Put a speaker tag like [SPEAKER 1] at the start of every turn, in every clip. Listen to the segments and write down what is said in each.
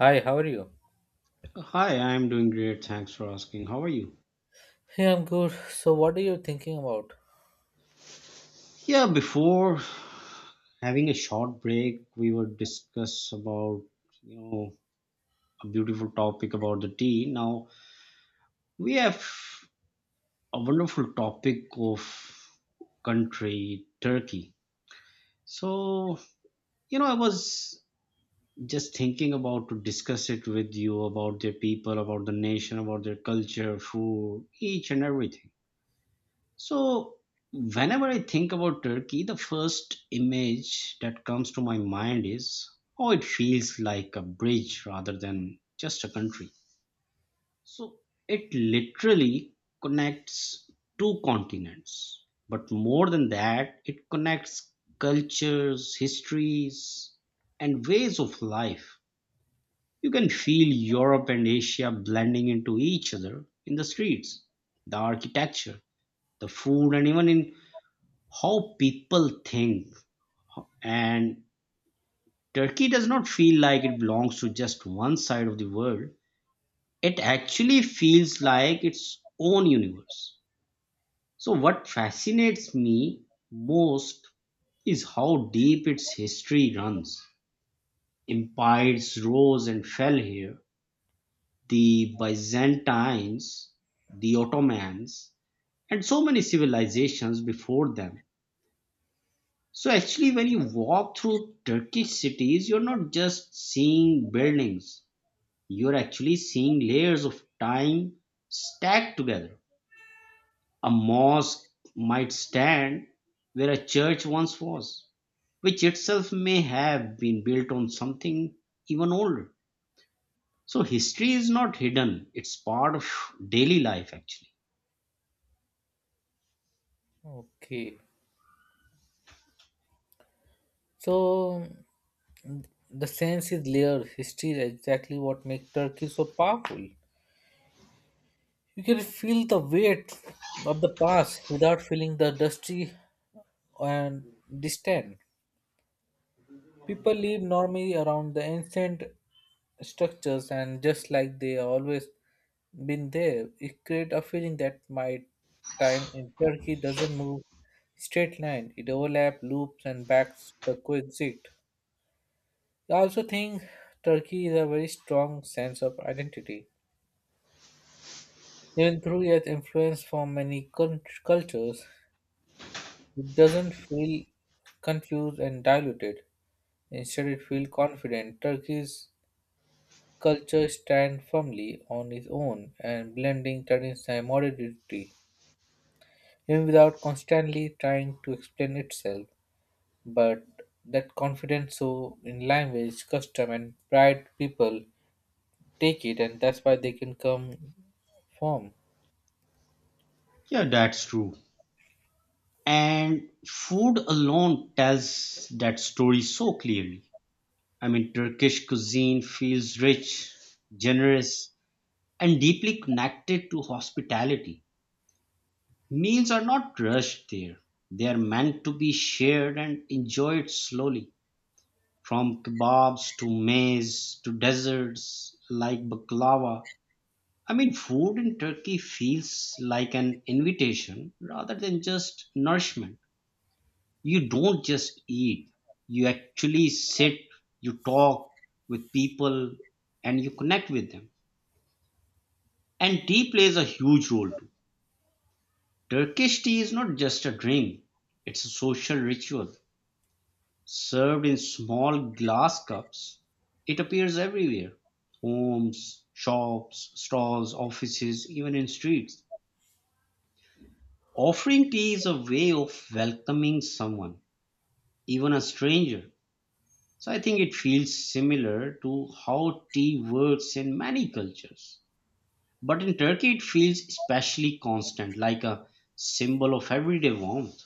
[SPEAKER 1] Hi, how are you?
[SPEAKER 2] Hi, I'm doing great. Thanks for asking. How are you?
[SPEAKER 1] Hey, I'm good. So, what are you thinking about?
[SPEAKER 2] Yeah, before having a short break, we were discuss about, you know, a beautiful topic about the tea. Now we have a wonderful topic of country, Turkey. So, I was just thinking about to discuss it with you about their people, about the nation, about their culture, food, each and everything. So, whenever I think about Turkey, the first image that comes to my mind is how it feels like a bridge rather than just a country. So, it literally connects two continents. But more than that, it connects cultures, histories, and ways of life. You can feel Europe and Asia blending into each other in the streets, the architecture, the food, and even in how people think, and turkey does not feel like it belongs to just one side of the world. It actually feels like its own universe. So what fascinates me most is how deep its history runs. Empires rose and fell here, the Byzantines, the Ottomans, and so many civilizations before them. So actually, when you walk through Turkish cities, you're not just seeing buildings, you're actually seeing layers of time stacked together. A mosque might stand where a church once was, which itself may have been built on something even older. So history is not hidden, it's part of daily life actually.
[SPEAKER 1] Okay. So, the sense is layered. History is exactly what makes Turkey so powerful. You can feel the weight of the past without feeling the dusty and distant. People live normally around the ancient structures and just like they always been there, it create a feeling that my time in turkey doesn't move straight line, it overlap loops and backs the coexist. I also think turkey is a very strong sense of identity, even through its influence from many cultures. It doesn't feel confused and diluted. Instead it feels confident. Turkey's culture stands firmly on its own and blending tradition and modernity, even without constantly trying to explain itself. But that confidence so in language, custom and pride people take it, and that's why they can come from.
[SPEAKER 2] Yeah, that's true. And food alone tells that story so clearly. I mean, Turkish cuisine feels rich, generous, and deeply connected to hospitality. Meals are not rushed there, they are meant to be shared and enjoyed slowly. From kebabs to maize to desserts like baklava. I mean, food in Turkey feels like an invitation rather than just nourishment. You don't just eat, you actually sit, you talk with people, and you connect with them. And tea plays a huge role too. Turkish tea is not just a drink, it's a social ritual. Served in small glass cups, it appears everywhere: homes, shops, stalls, offices, even in streets. Offering tea is a way of welcoming someone, even a stranger. So I think it feels similar to how tea works in many cultures. But in Turkey, it feels especially constant, like a symbol of everyday warmth.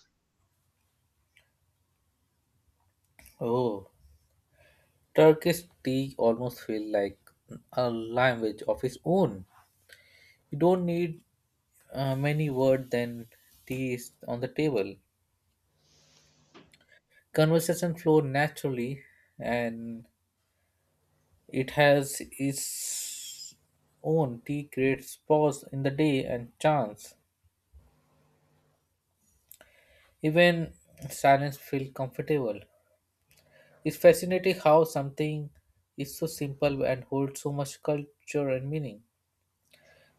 [SPEAKER 1] Oh, Turkish tea almost feels like a language of its own. You don't need many words than tea is on the table. Conversation flow naturally, and it has its own. Tea creates pause in the day and chance. Even silence feels comfortable. It's fascinating how something is so simple and holds so much culture and meaning.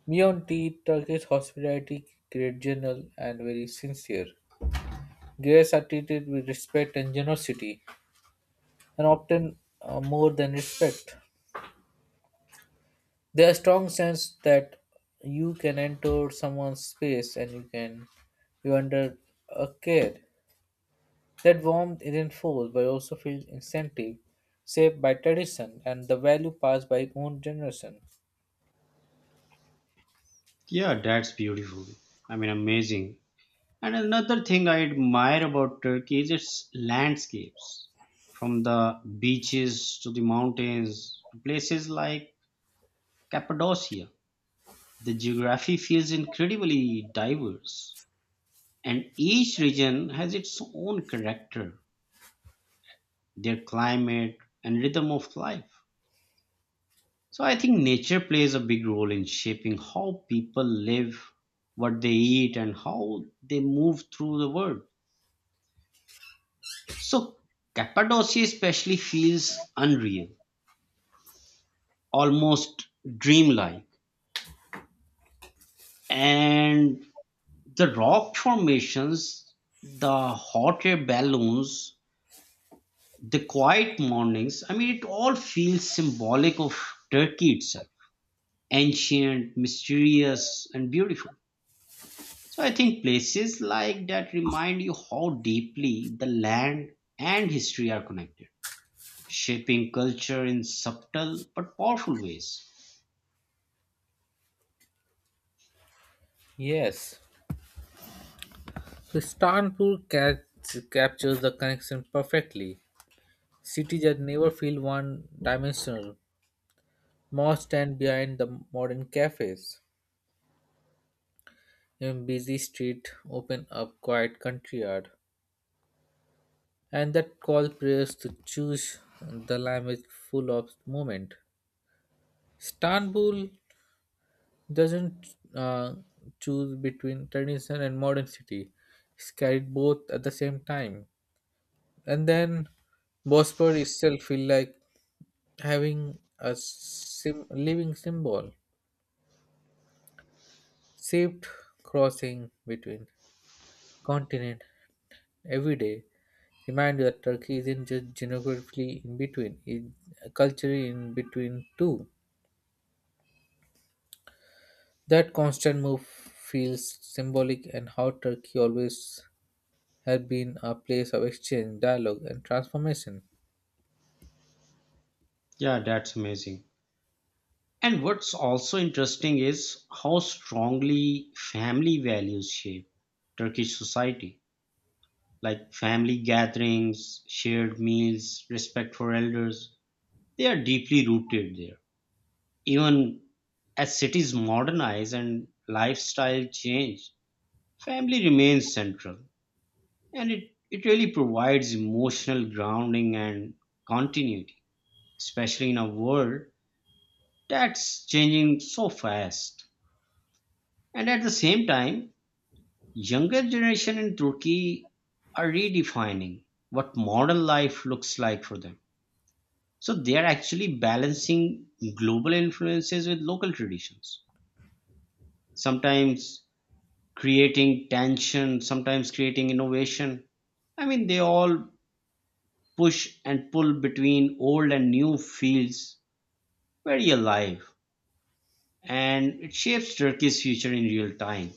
[SPEAKER 1] Beyond tea, Turkish hospitality great general and very sincere. Guests are treated with respect and generosity, and often more than respect. There's strong sense that you can enter someone's space and you can you under a care. That warmth isn't forced but also feels incentive, shaped by tradition and the value passed by own generation.
[SPEAKER 2] Yeah, that's beautiful. I mean, amazing. And another thing I admire about Turkey is its landscapes, from the beaches to the mountains to places like Cappadocia. The geography feels incredibly diverse, and each region has its own character, their climate and rhythm of life. So I think nature plays a big role in shaping how people live, what they eat, and how they move through the world. So Cappadocia especially feels unreal, almost dreamlike. And the rock formations, the hot air balloons, the quiet mornings, I mean, it all feels symbolic of Turkey itself: ancient, mysterious, and beautiful. So I think places like that remind you how deeply the land and history are connected, shaping culture in subtle but powerful ways.
[SPEAKER 1] Yes, so captures the connection perfectly. Cities that never feel one-dimensional. Malls stand behind the modern cafes. Even busy street open up quiet country yard, and that called players to choose the language full of movement. Istanbul doesn't uh, choose between tradition and modern city. It's carried both at the same time. And then Bospor itself feel like having a living symbol, shaped crossing between continent every day. Remind you that Turkey isn't just geographically in between, it's culturally in between too. That constant move feels symbolic and how Turkey always had been a place of exchange, dialogue, and transformation.
[SPEAKER 2] Yeah, that's amazing. And what's also interesting is how strongly family values shape Turkish society, like family gatherings, shared meals, respect for elders. They are deeply rooted there. Even as cities modernize and lifestyle change, family remains central, and it really provides emotional grounding and continuity, especially in a world that's changing so fast. And at the same time, younger generation in Turkey are redefining what modern life looks like for them. So they are actually balancing global influences with local traditions, sometimes creating tension, sometimes creating innovation. I mean, they all push and pull between old and new feels very alive, and it shapes Turkey's future in real time.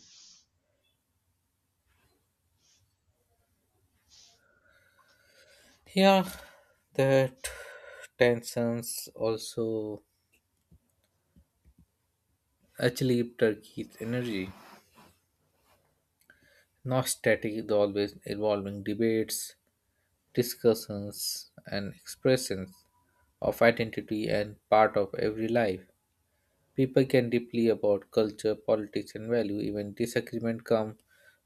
[SPEAKER 1] Yeah, that tensions also actually Turkey's energy, not static, the always evolving debates, discussions, and expressions of identity and part of every life. People can deeply about culture, politics, and value. Even disagreement come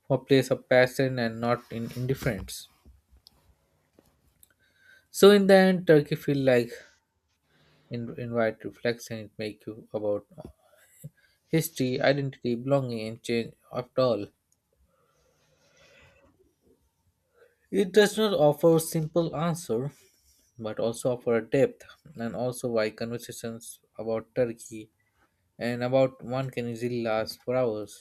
[SPEAKER 1] from a place of passion and not in indifference. So in the end, Turkey feel like invite reflection. It make you about history, identity, belonging, and change. After all, it does not offer a simple answer, but also offer a depth, and also why conversations about Turkey and about one can easily last for hours.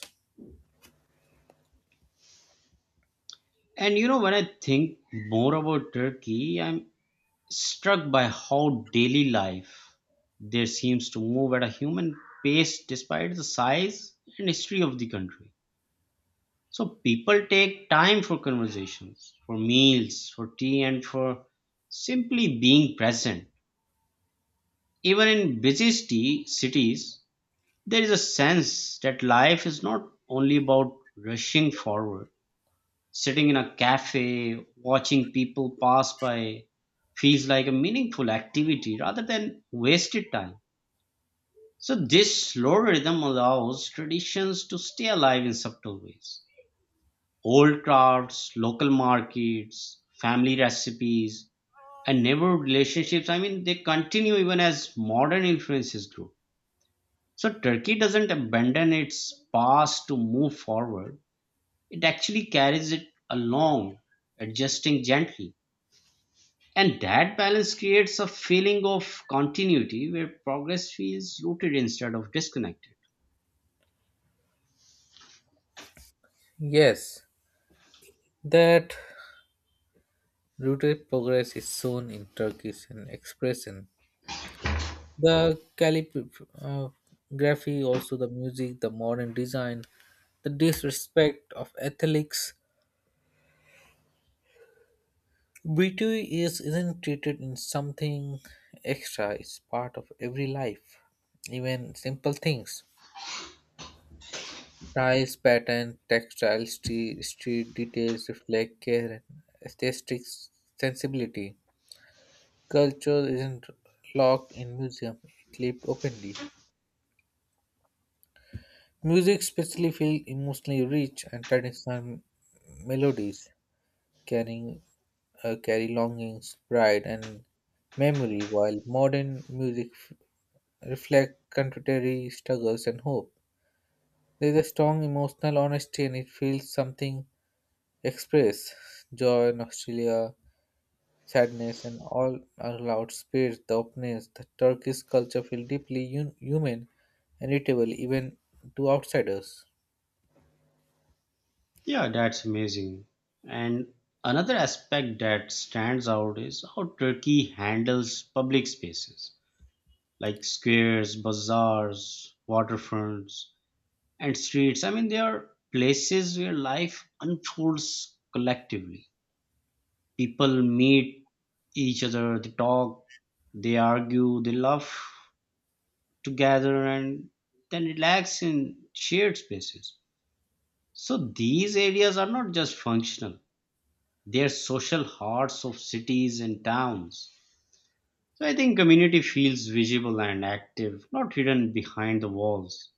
[SPEAKER 2] And you know, when I think more about Turkey, I'm struck by how daily life there seems to move at a human pace despite the size and history of the country. So people take time for conversations, for meals, for tea, and for simply being present. Even in cities, there is a sense that life is not only about rushing forward. Sitting in a cafe, watching people pass by feels like a meaningful activity rather than wasted time. So, this slow rhythm allows traditions to stay alive in subtle ways. Old crafts, local markets, family recipes, and neighborhood relationships, I mean, they continue even as modern influences grow. So Turkey doesn't abandon its past to move forward. It actually carries it along, adjusting gently. And that balance creates a feeling of continuity where progress feels rooted instead of disconnected.
[SPEAKER 1] Yes, that Rooted progress is shown in Turkish and expression. The calligraphy, also the music, the modern design, the disrespect of ethics. Beauty is isn't treated in something extra. It's part of every life, even simple things. Tiles, pattern, textile, street details reflect care and aesthetic sensibility. Culture isn't locked in museum; it lived openly. Music especially feels emotionally rich and traditional melodies carrying carry longings, pride, and memory, while modern music reflect contemporary struggles and hope. There is a strong emotional honesty, and it feels something express joy, nostalgia, sadness, and all are loud spirits. The openness, the Turkish culture feel deeply human and relatable even to outsiders.
[SPEAKER 2] Yeah, that's amazing. And another aspect that stands out is how Turkey handles public spaces like squares, bazaars, waterfronts, and streets. I mean, they are places where life unfolds collectively. People meet each other, they talk, they argue, they laugh together, and then relax in shared spaces. So these areas are not just functional, they are social hearts of cities and towns. So I think community feels visible and active, not hidden behind the walls.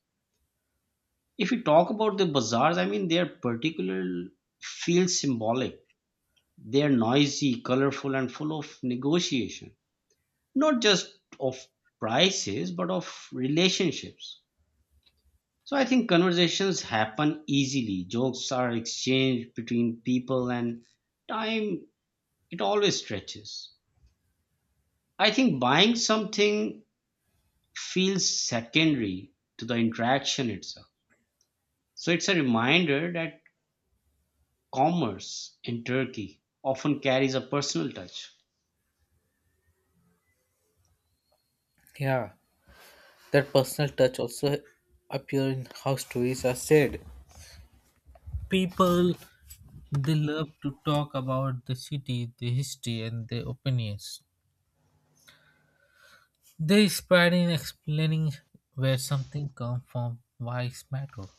[SPEAKER 2] If we talk about the bazaars, I mean, their particular feel symbolic. They are noisy, colorful, and full of negotiation, not just of prices, but of relationships. So I think conversations happen easily. Jokes are exchanged between people, and time, it always stretches. I think buying something feels secondary to the interaction itself. So it's a reminder that commerce in Turkey often carries a personal touch.
[SPEAKER 1] Yeah. That personal touch also appears in how stories are said. People they love to talk about the city, the history, and their opinions. They inspire in explaining where something comes from, why it matters.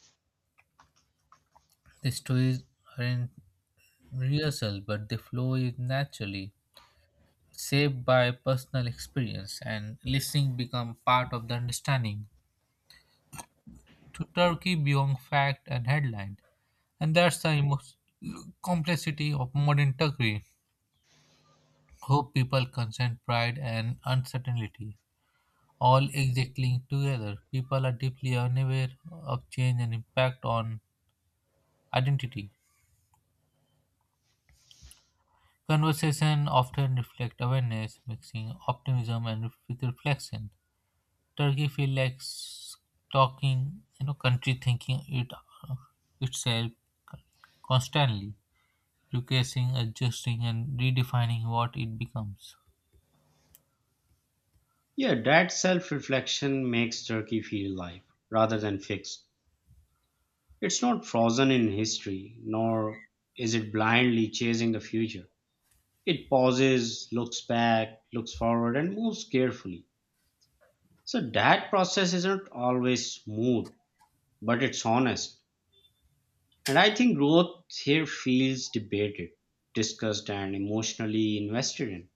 [SPEAKER 1] The stories aren't rehearsed, but they flow in naturally, shaped by personal experience, and listening become part of the understanding. To Turkey beyond fact and headline, and that's the complexity of modern Turkey. Hope, people, consent, pride, and uncertainty all exactly together. People are deeply unaware of change and impact on identity. Conversation often reflect awareness, mixing optimism and with reflection. Turkey feel like talking, you know, country thinking it itself constantly, requesting, adjusting, and redefining what it becomes.
[SPEAKER 2] Yeah, that self reflection makes Turkey feel live rather than fixed. It's not frozen in history, nor is it blindly chasing the future. It pauses, looks back, looks forward, and moves carefully. So that process isn't always smooth, but it's honest. And I think growth here feels debated, discussed, and emotionally invested in.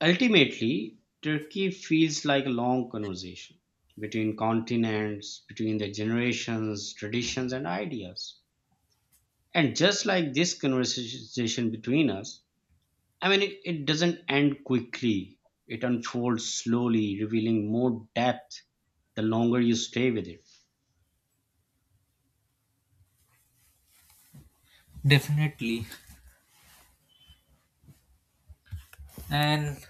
[SPEAKER 2] Ultimately, Turkey feels like a long conversation between continents, between the generations, traditions, and ideas. And just like this conversation between us, I mean, it doesn't end quickly, it unfolds slowly, revealing more depth the longer you stay with it.
[SPEAKER 1] Definitely. And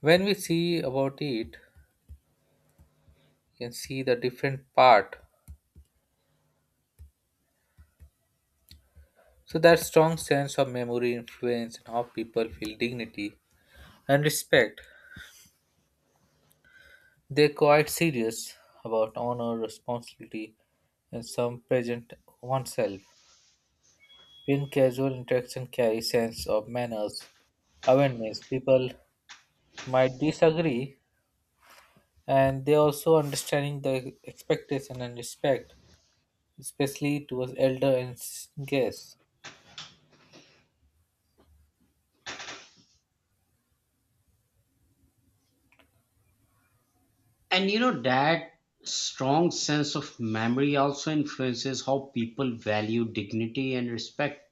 [SPEAKER 1] when we see about it, you can see the different part. So that strong sense of memory influence and how people feel dignity and respect. They're quite serious about honor, responsibility, and some present oneself. When casual interaction carries sense of manners, awareness, people might disagree and they also understanding the expectation and respect, especially towards elder and guests.
[SPEAKER 2] And you know, that strong sense of memory also influences how people value dignity and respect.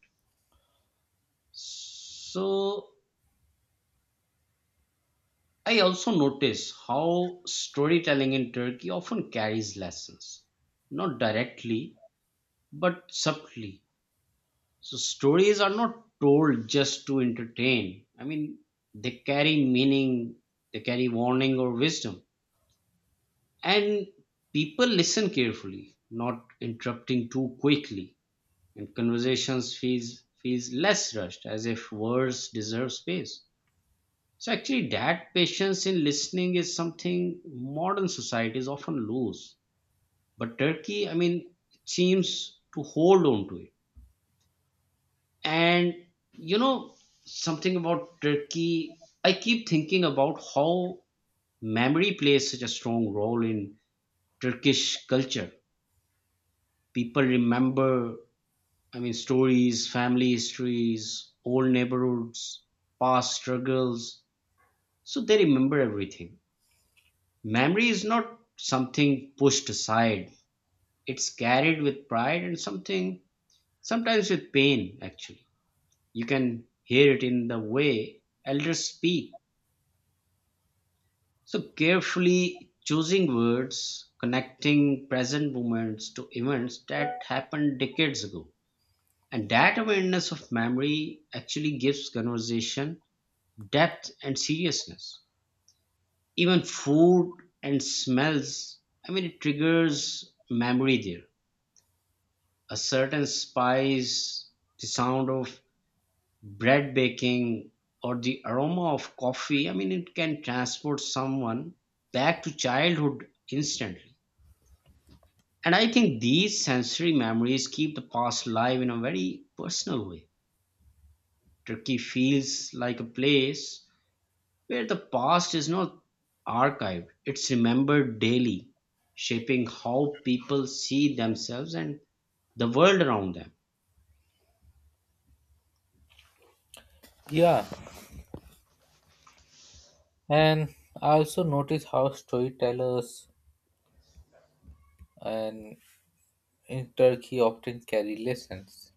[SPEAKER 2] So, I also notice how storytelling in Turkey often carries lessons, not directly, but subtly. So, stories are not told just to entertain. I mean, they carry meaning, they carry warning or wisdom. And people listen carefully, not interrupting too quickly. And conversations feels less rushed, as if words deserve space. So actually, that patience in listening is something modern societies often lose. But Turkey, I mean, seems to hold on to it. And you know, something about Turkey, I keep thinking about how memory plays such a strong role in Turkish culture. People remember, I mean, stories, family histories, old neighborhoods, past struggles. So they remember everything. Memory is not something pushed aside. It's carried with pride and something, sometimes with pain, actually. You can hear it in the way elders speak. So, carefully choosing words, connecting present moments to events that happened decades ago. And that awareness of memory actually gives conversation depth and seriousness. Even food and smells, I mean, it triggers memory there. A certain spice, the sound of bread baking, or the aroma of coffee, I mean, it can transport someone back to childhood instantly. And I think these sensory memories keep the past alive in a very personal way. Turkey feels like a place where the past is not archived, it's remembered daily, shaping how people see themselves and the world around them.
[SPEAKER 1] Yeah, and I also notice how storytellers and in Turkey often carry lessons,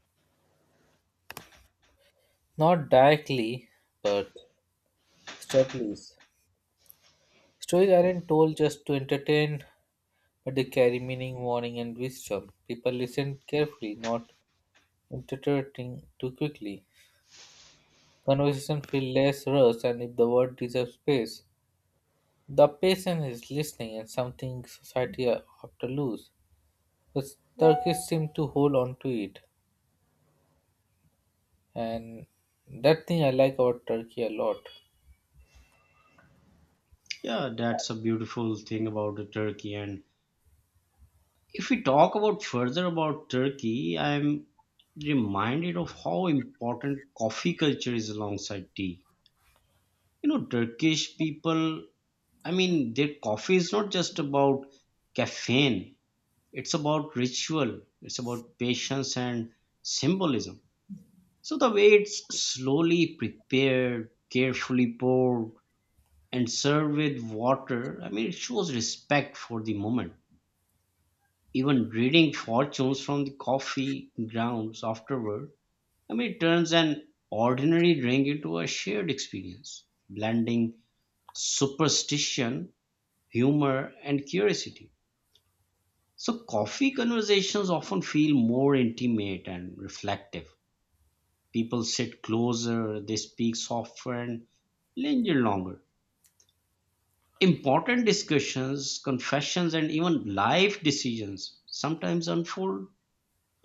[SPEAKER 1] not directly, but subtly. Stories aren't told just to entertain, but they carry meaning, warning, and wisdom. People listen carefully, not interpreting too quickly. Conversation feel less rushed, and if the word deserves space, the patient is listening, and something society often lose, because turkeys seem to hold on to it. And that thing I like about turkey a lot.
[SPEAKER 2] Yeah, that's a beautiful thing about the Turkey. And if we talk about further about Turkey, I'm reminded of how important coffee culture is alongside tea. You know, Turkish people, I mean, their coffee is not just about caffeine, it's about ritual, it's about patience and symbolism. So the way it's slowly prepared, carefully poured, and served with water, I mean, it shows respect for the moment. Even reading fortunes from the coffee grounds afterward, I mean, it turns an ordinary drink into a shared experience, blending superstition, humor, and curiosity. So, coffee conversations often feel more intimate and reflective. People sit closer, they speak softer, and linger longer. Important discussions, confessions, and even life decisions sometimes unfold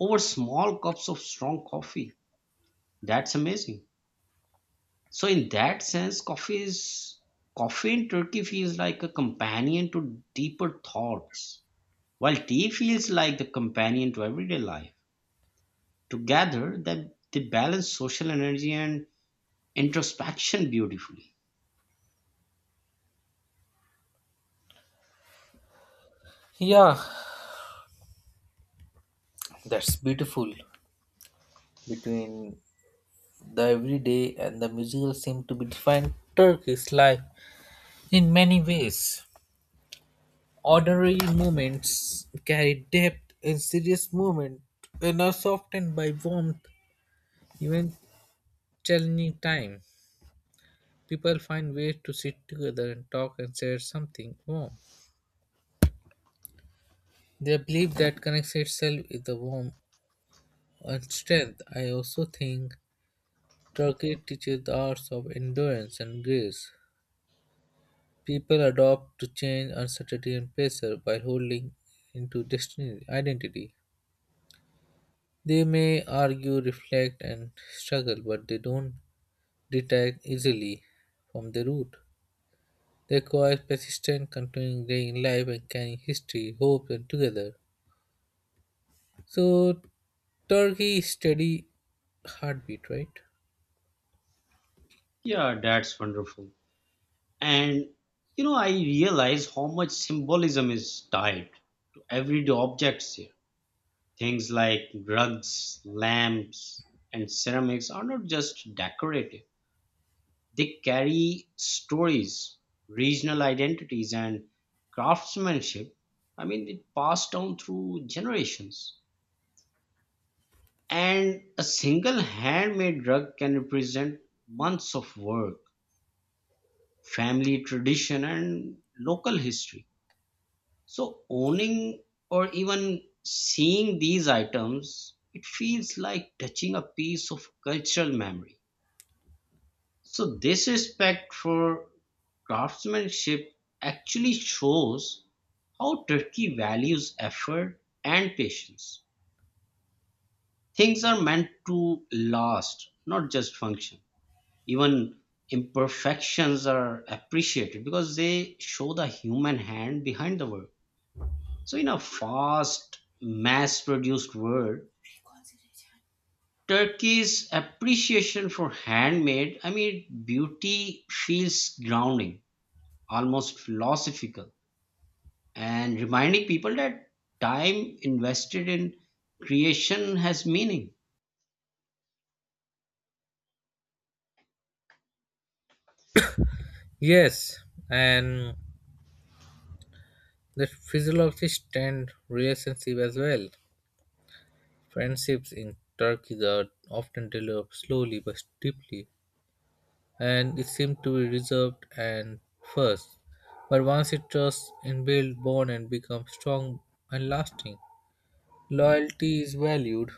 [SPEAKER 2] over small cups of strong coffee. That's amazing. So in that sense, coffee in Turkey feels like a companion to deeper thoughts, while tea feels like the companion to everyday life. Together, that they balance social energy and introspection beautifully.
[SPEAKER 1] Yeah, that's beautiful. Between the everyday and the musical seem to be defined Turkish life in many ways. Ordinary moments carry depth and serious moments are softened by warmth. Even challenging time, people find ways to sit together and talk and share something warm. They believe that connects itself with the warmth. On strength, I also think Turkey teaches the arts of endurance and grace. People adopt to change, uncertainty, and pressure by holding into destiny, identity. They may argue, reflect, and struggle, but they don't detach easily from the root. They require persistent, continuing day in life and carrying history, hope, and together. So, Turkey is steady heartbeat, right?
[SPEAKER 2] Yeah, that's wonderful. And you know, I realize how much symbolism is tied to everyday objects here. Things like rugs, lamps, and ceramics are not just decorative, they carry stories, regional identities, and craftsmanship. I mean, it passed down through generations. And a single handmade rug can represent months of work, family tradition, and local history. So owning or even seeing these items, it feels like touching a piece of cultural memory. So this respect for craftsmanship actually shows how Turkey values effort and patience. Things are meant to last, not just function. Even imperfections are appreciated because they show the human hand behind the work. So, in a fast, mass produced world, Turkey's appreciation for handmade, I mean, beauty feels grounding, almost philosophical, and reminding people that time invested in creation has meaning.
[SPEAKER 1] Yes, and the physiologists tend relationship as well. Friendships in Turkey are often developed slowly but deeply, and it seems to be reserved and first. But once it trusts and build bond and becomes strong and lasting, loyalty is valued,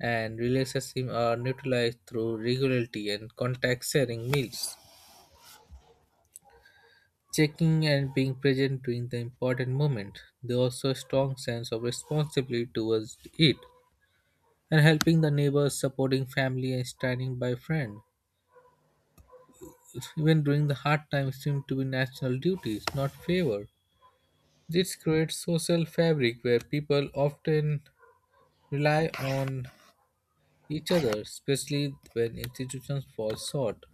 [SPEAKER 1] and relationships are neutralized through regularity and contact sharing meals. Checking and being present during the important moment. They also a strong sense of responsibility towards it, and helping the neighbors, supporting family, and standing by friend. Even during the hard times seem to be national duties, not favor. This creates social fabric where people often rely on each other, especially when institutions fall short.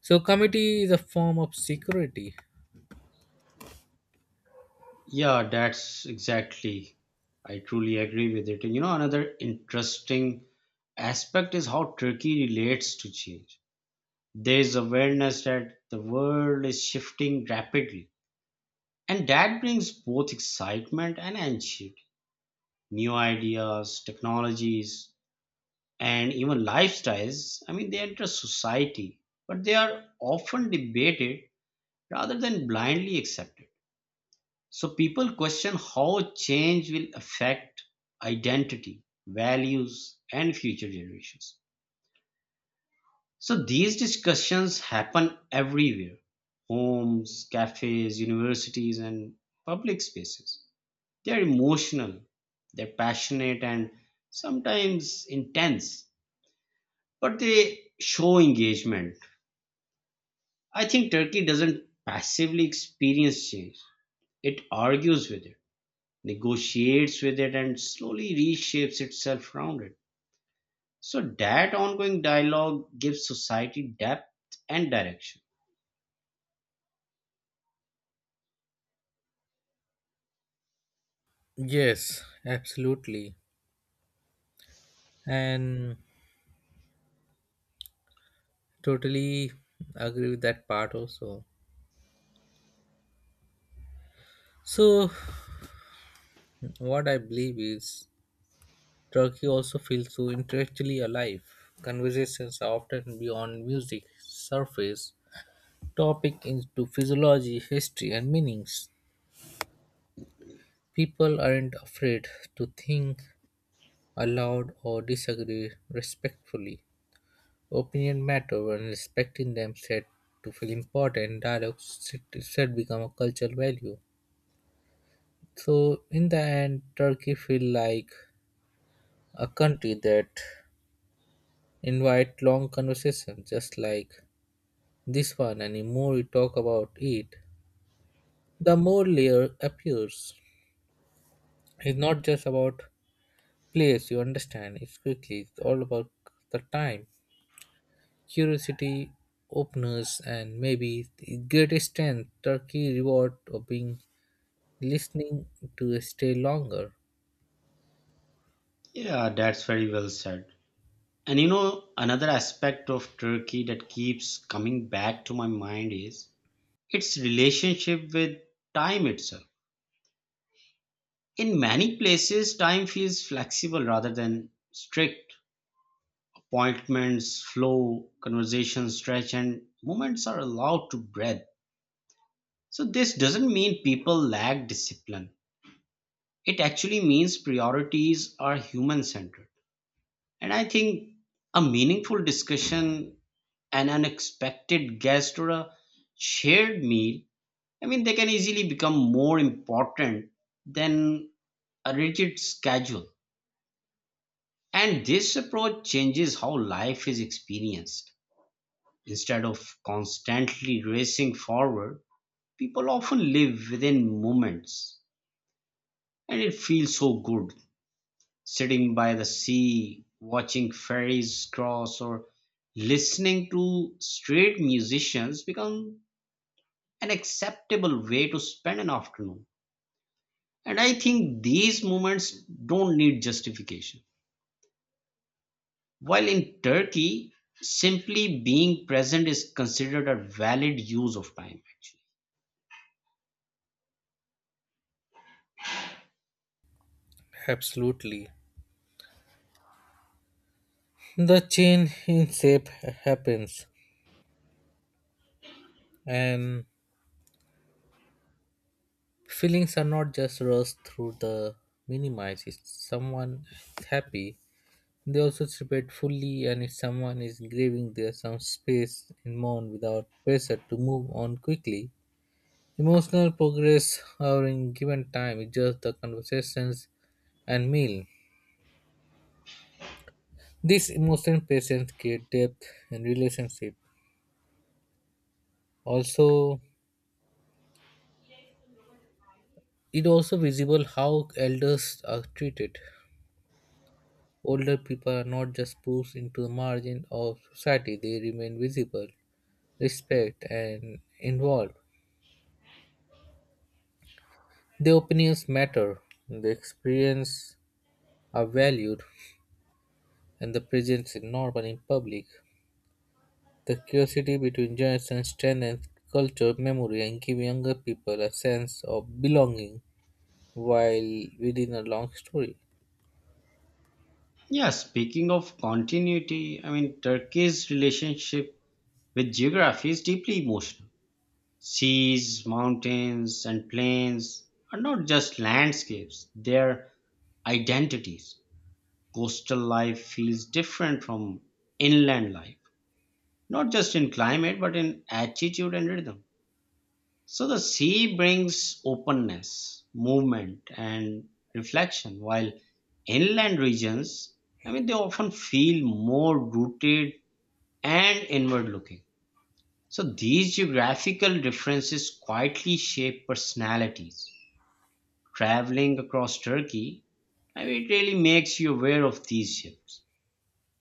[SPEAKER 1] So committee is a form of security.
[SPEAKER 2] Yeah, that's exactly. I truly agree with it. And you know, another interesting aspect is how Turkey relates to change. There is awareness that the world is shifting rapidly, and that brings both excitement and anxiety. New ideas, technologies, and even lifestyles, I mean, they enter society, but they are often debated rather than blindly accepted. So people question how change will affect identity, values, and future generations. So these discussions happen everywhere: homes, cafes, universities, and public spaces. They're emotional, they're passionate, and sometimes intense, but they show engagement. I think Turkey doesn't passively experience change, it argues with it, negotiates with it, and slowly reshapes itself around it. So, that ongoing dialogue gives society depth and direction.
[SPEAKER 1] Yes, absolutely. And totally agree with that part also. So what I believe is Turkey also feels so intellectually alive. Conversations are often beyond music, surface, topic into physiology, history, and meanings. People aren't afraid to think aloud or disagree respectfully. Opinion matter when respecting them said to feel important. Dialogue said become a cultural value. So in the end, Turkey feel like a country that invite long conversations, just like this one. And the more we talk about it, the more layer appears. It's not just about place you understand, it's quickly it's all about the time, curiosity, openness, and maybe the greatest strength turkey reward of being listening to stay longer.
[SPEAKER 2] Yeah, that's very well said. And you know, another aspect of Turkey that keeps coming back to my mind is its relationship with time itself. In many places, time feels flexible rather than strict. Appointments flow, conversations stretch, and moments are allowed to breathe. So, this doesn't mean people lack discipline. It actually means priorities are human centered. And I think a meaningful discussion, an unexpected guest, or a shared meal, I mean, they can easily become more important than a rigid schedule. And this approach changes how life is experienced. Instead of constantly racing forward, people often live within moments. And it feels so good sitting by the sea, watching ferries cross, or listening to street musicians become an acceptable way to spend an afternoon. And I think these moments don't need justification. While in Turkey, simply being present is considered a valid use of time, actually.
[SPEAKER 1] Absolutely. The change in shape happens, and feelings are not just rushed through the minimize. If someone is happy, they also separate fully, and if someone is grieving, there's some space and mourn without pressure to move on quickly. Emotional progress or in given time is just the conversations and meal. This emotional presence create depth in relationship. Also, it also visible how elders are treated. Older people are not just pushed into the margin of society; they remain visible, respect, and involved. The opinions matter, the experience are valued, and the presence is normal in public. The curiosity between generations strengthens culture memory and gives younger people a sense of belonging while within a long story.
[SPEAKER 2] Yeah, speaking of continuity, I mean, Turkey's relationship with geography is deeply emotional. Seas, mountains, and plains are not just landscapes, they're identities. Coastal life feels different from inland life, not just in climate, but in attitude and rhythm. So the sea brings openness, movement, and reflection, while inland regions, I mean, they often feel more rooted and inward looking. So these geographical differences quietly shape personalities. Traveling across Turkey, I mean, it really makes you aware of these shifts.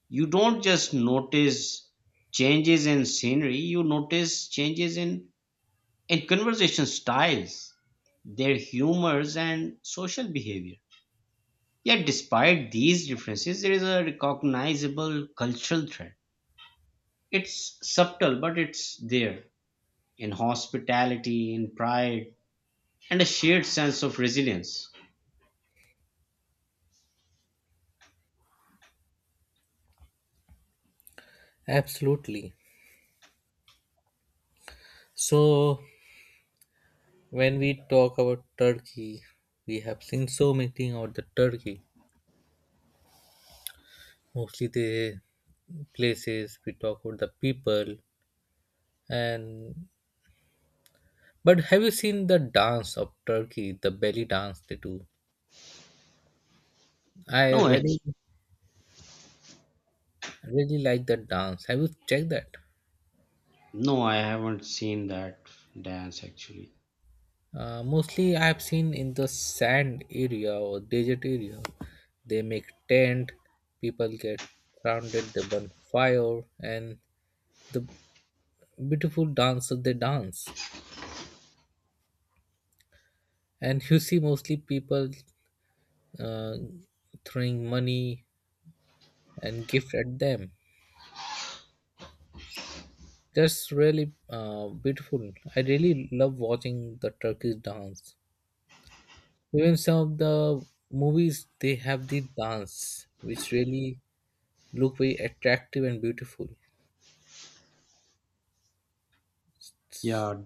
[SPEAKER 2] You don't just notice changes in scenery, you notice changes in conversation styles, their humors, and social behavior. Yet, despite these differences, there is a recognizable cultural thread. It's subtle, but it's there in hospitality, in pride, and a shared sense of resilience.
[SPEAKER 1] Absolutely. So, when we talk about Turkey, we have seen so many things about the Turkey. Mostly the places we talk about the people, and but have you seen the dance of Turkey, the belly dance they do? I
[SPEAKER 2] No,
[SPEAKER 1] really,
[SPEAKER 2] it's,
[SPEAKER 1] really like that dance. Have you checked that?
[SPEAKER 2] no, I haven't seen that dance actually.
[SPEAKER 1] Mostly, I have seen in the sand area or desert area. They make tent. People get surrounded. They burn fire, and the beautiful dance they dance. And you see mostly people uh, throwing money and gift at them. That's really beautiful. I really love watching the Turkish dance. Even some of the movies they have the dance, which really look very attractive and beautiful.
[SPEAKER 2] Yeah,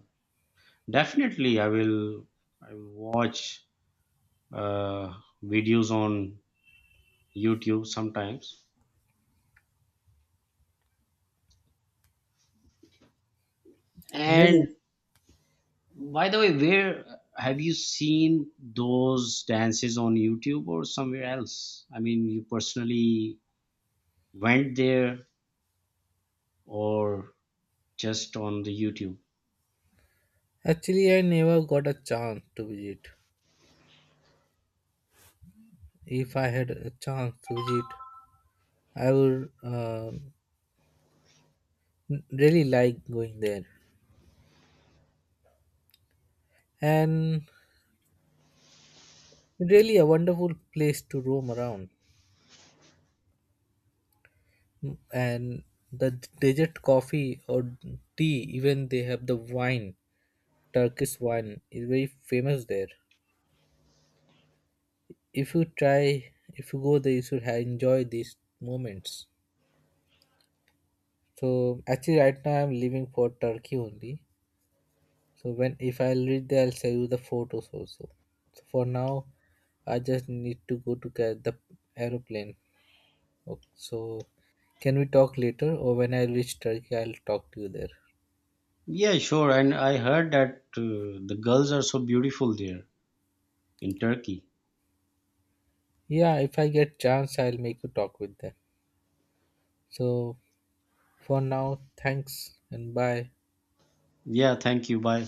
[SPEAKER 2] definitely. I will. I will watch uh, videos on YouTube sometimes,
[SPEAKER 1] Really,
[SPEAKER 2] and by the way, where have you seen those dances on YouTube or somewhere else? I mean, you personally went there or just on the YouTube?
[SPEAKER 1] actually, I never got a chance to visit. If I had a chance to visit, I would really like going there. And really, a wonderful place to roam around, and the desert coffee or tea, even they have the wine. Turkish wine is very famous there. If you try, if you go there you should have enjoy these moments. So actually right now I'm leaving for turkey only. So when if I'll reach there I'll show you the photos also. So for now I just need to go to get the aeroplane. Ok, so can we talk later or when I reach turkey I'll talk to you there.
[SPEAKER 2] Yeah, sure. And I heard that the girls are so beautiful there in Turkey.
[SPEAKER 1] Yeah, if I get chance, I'll make a talk with them. So for now, thanks and bye.
[SPEAKER 2] Yeah, thank you. Bye.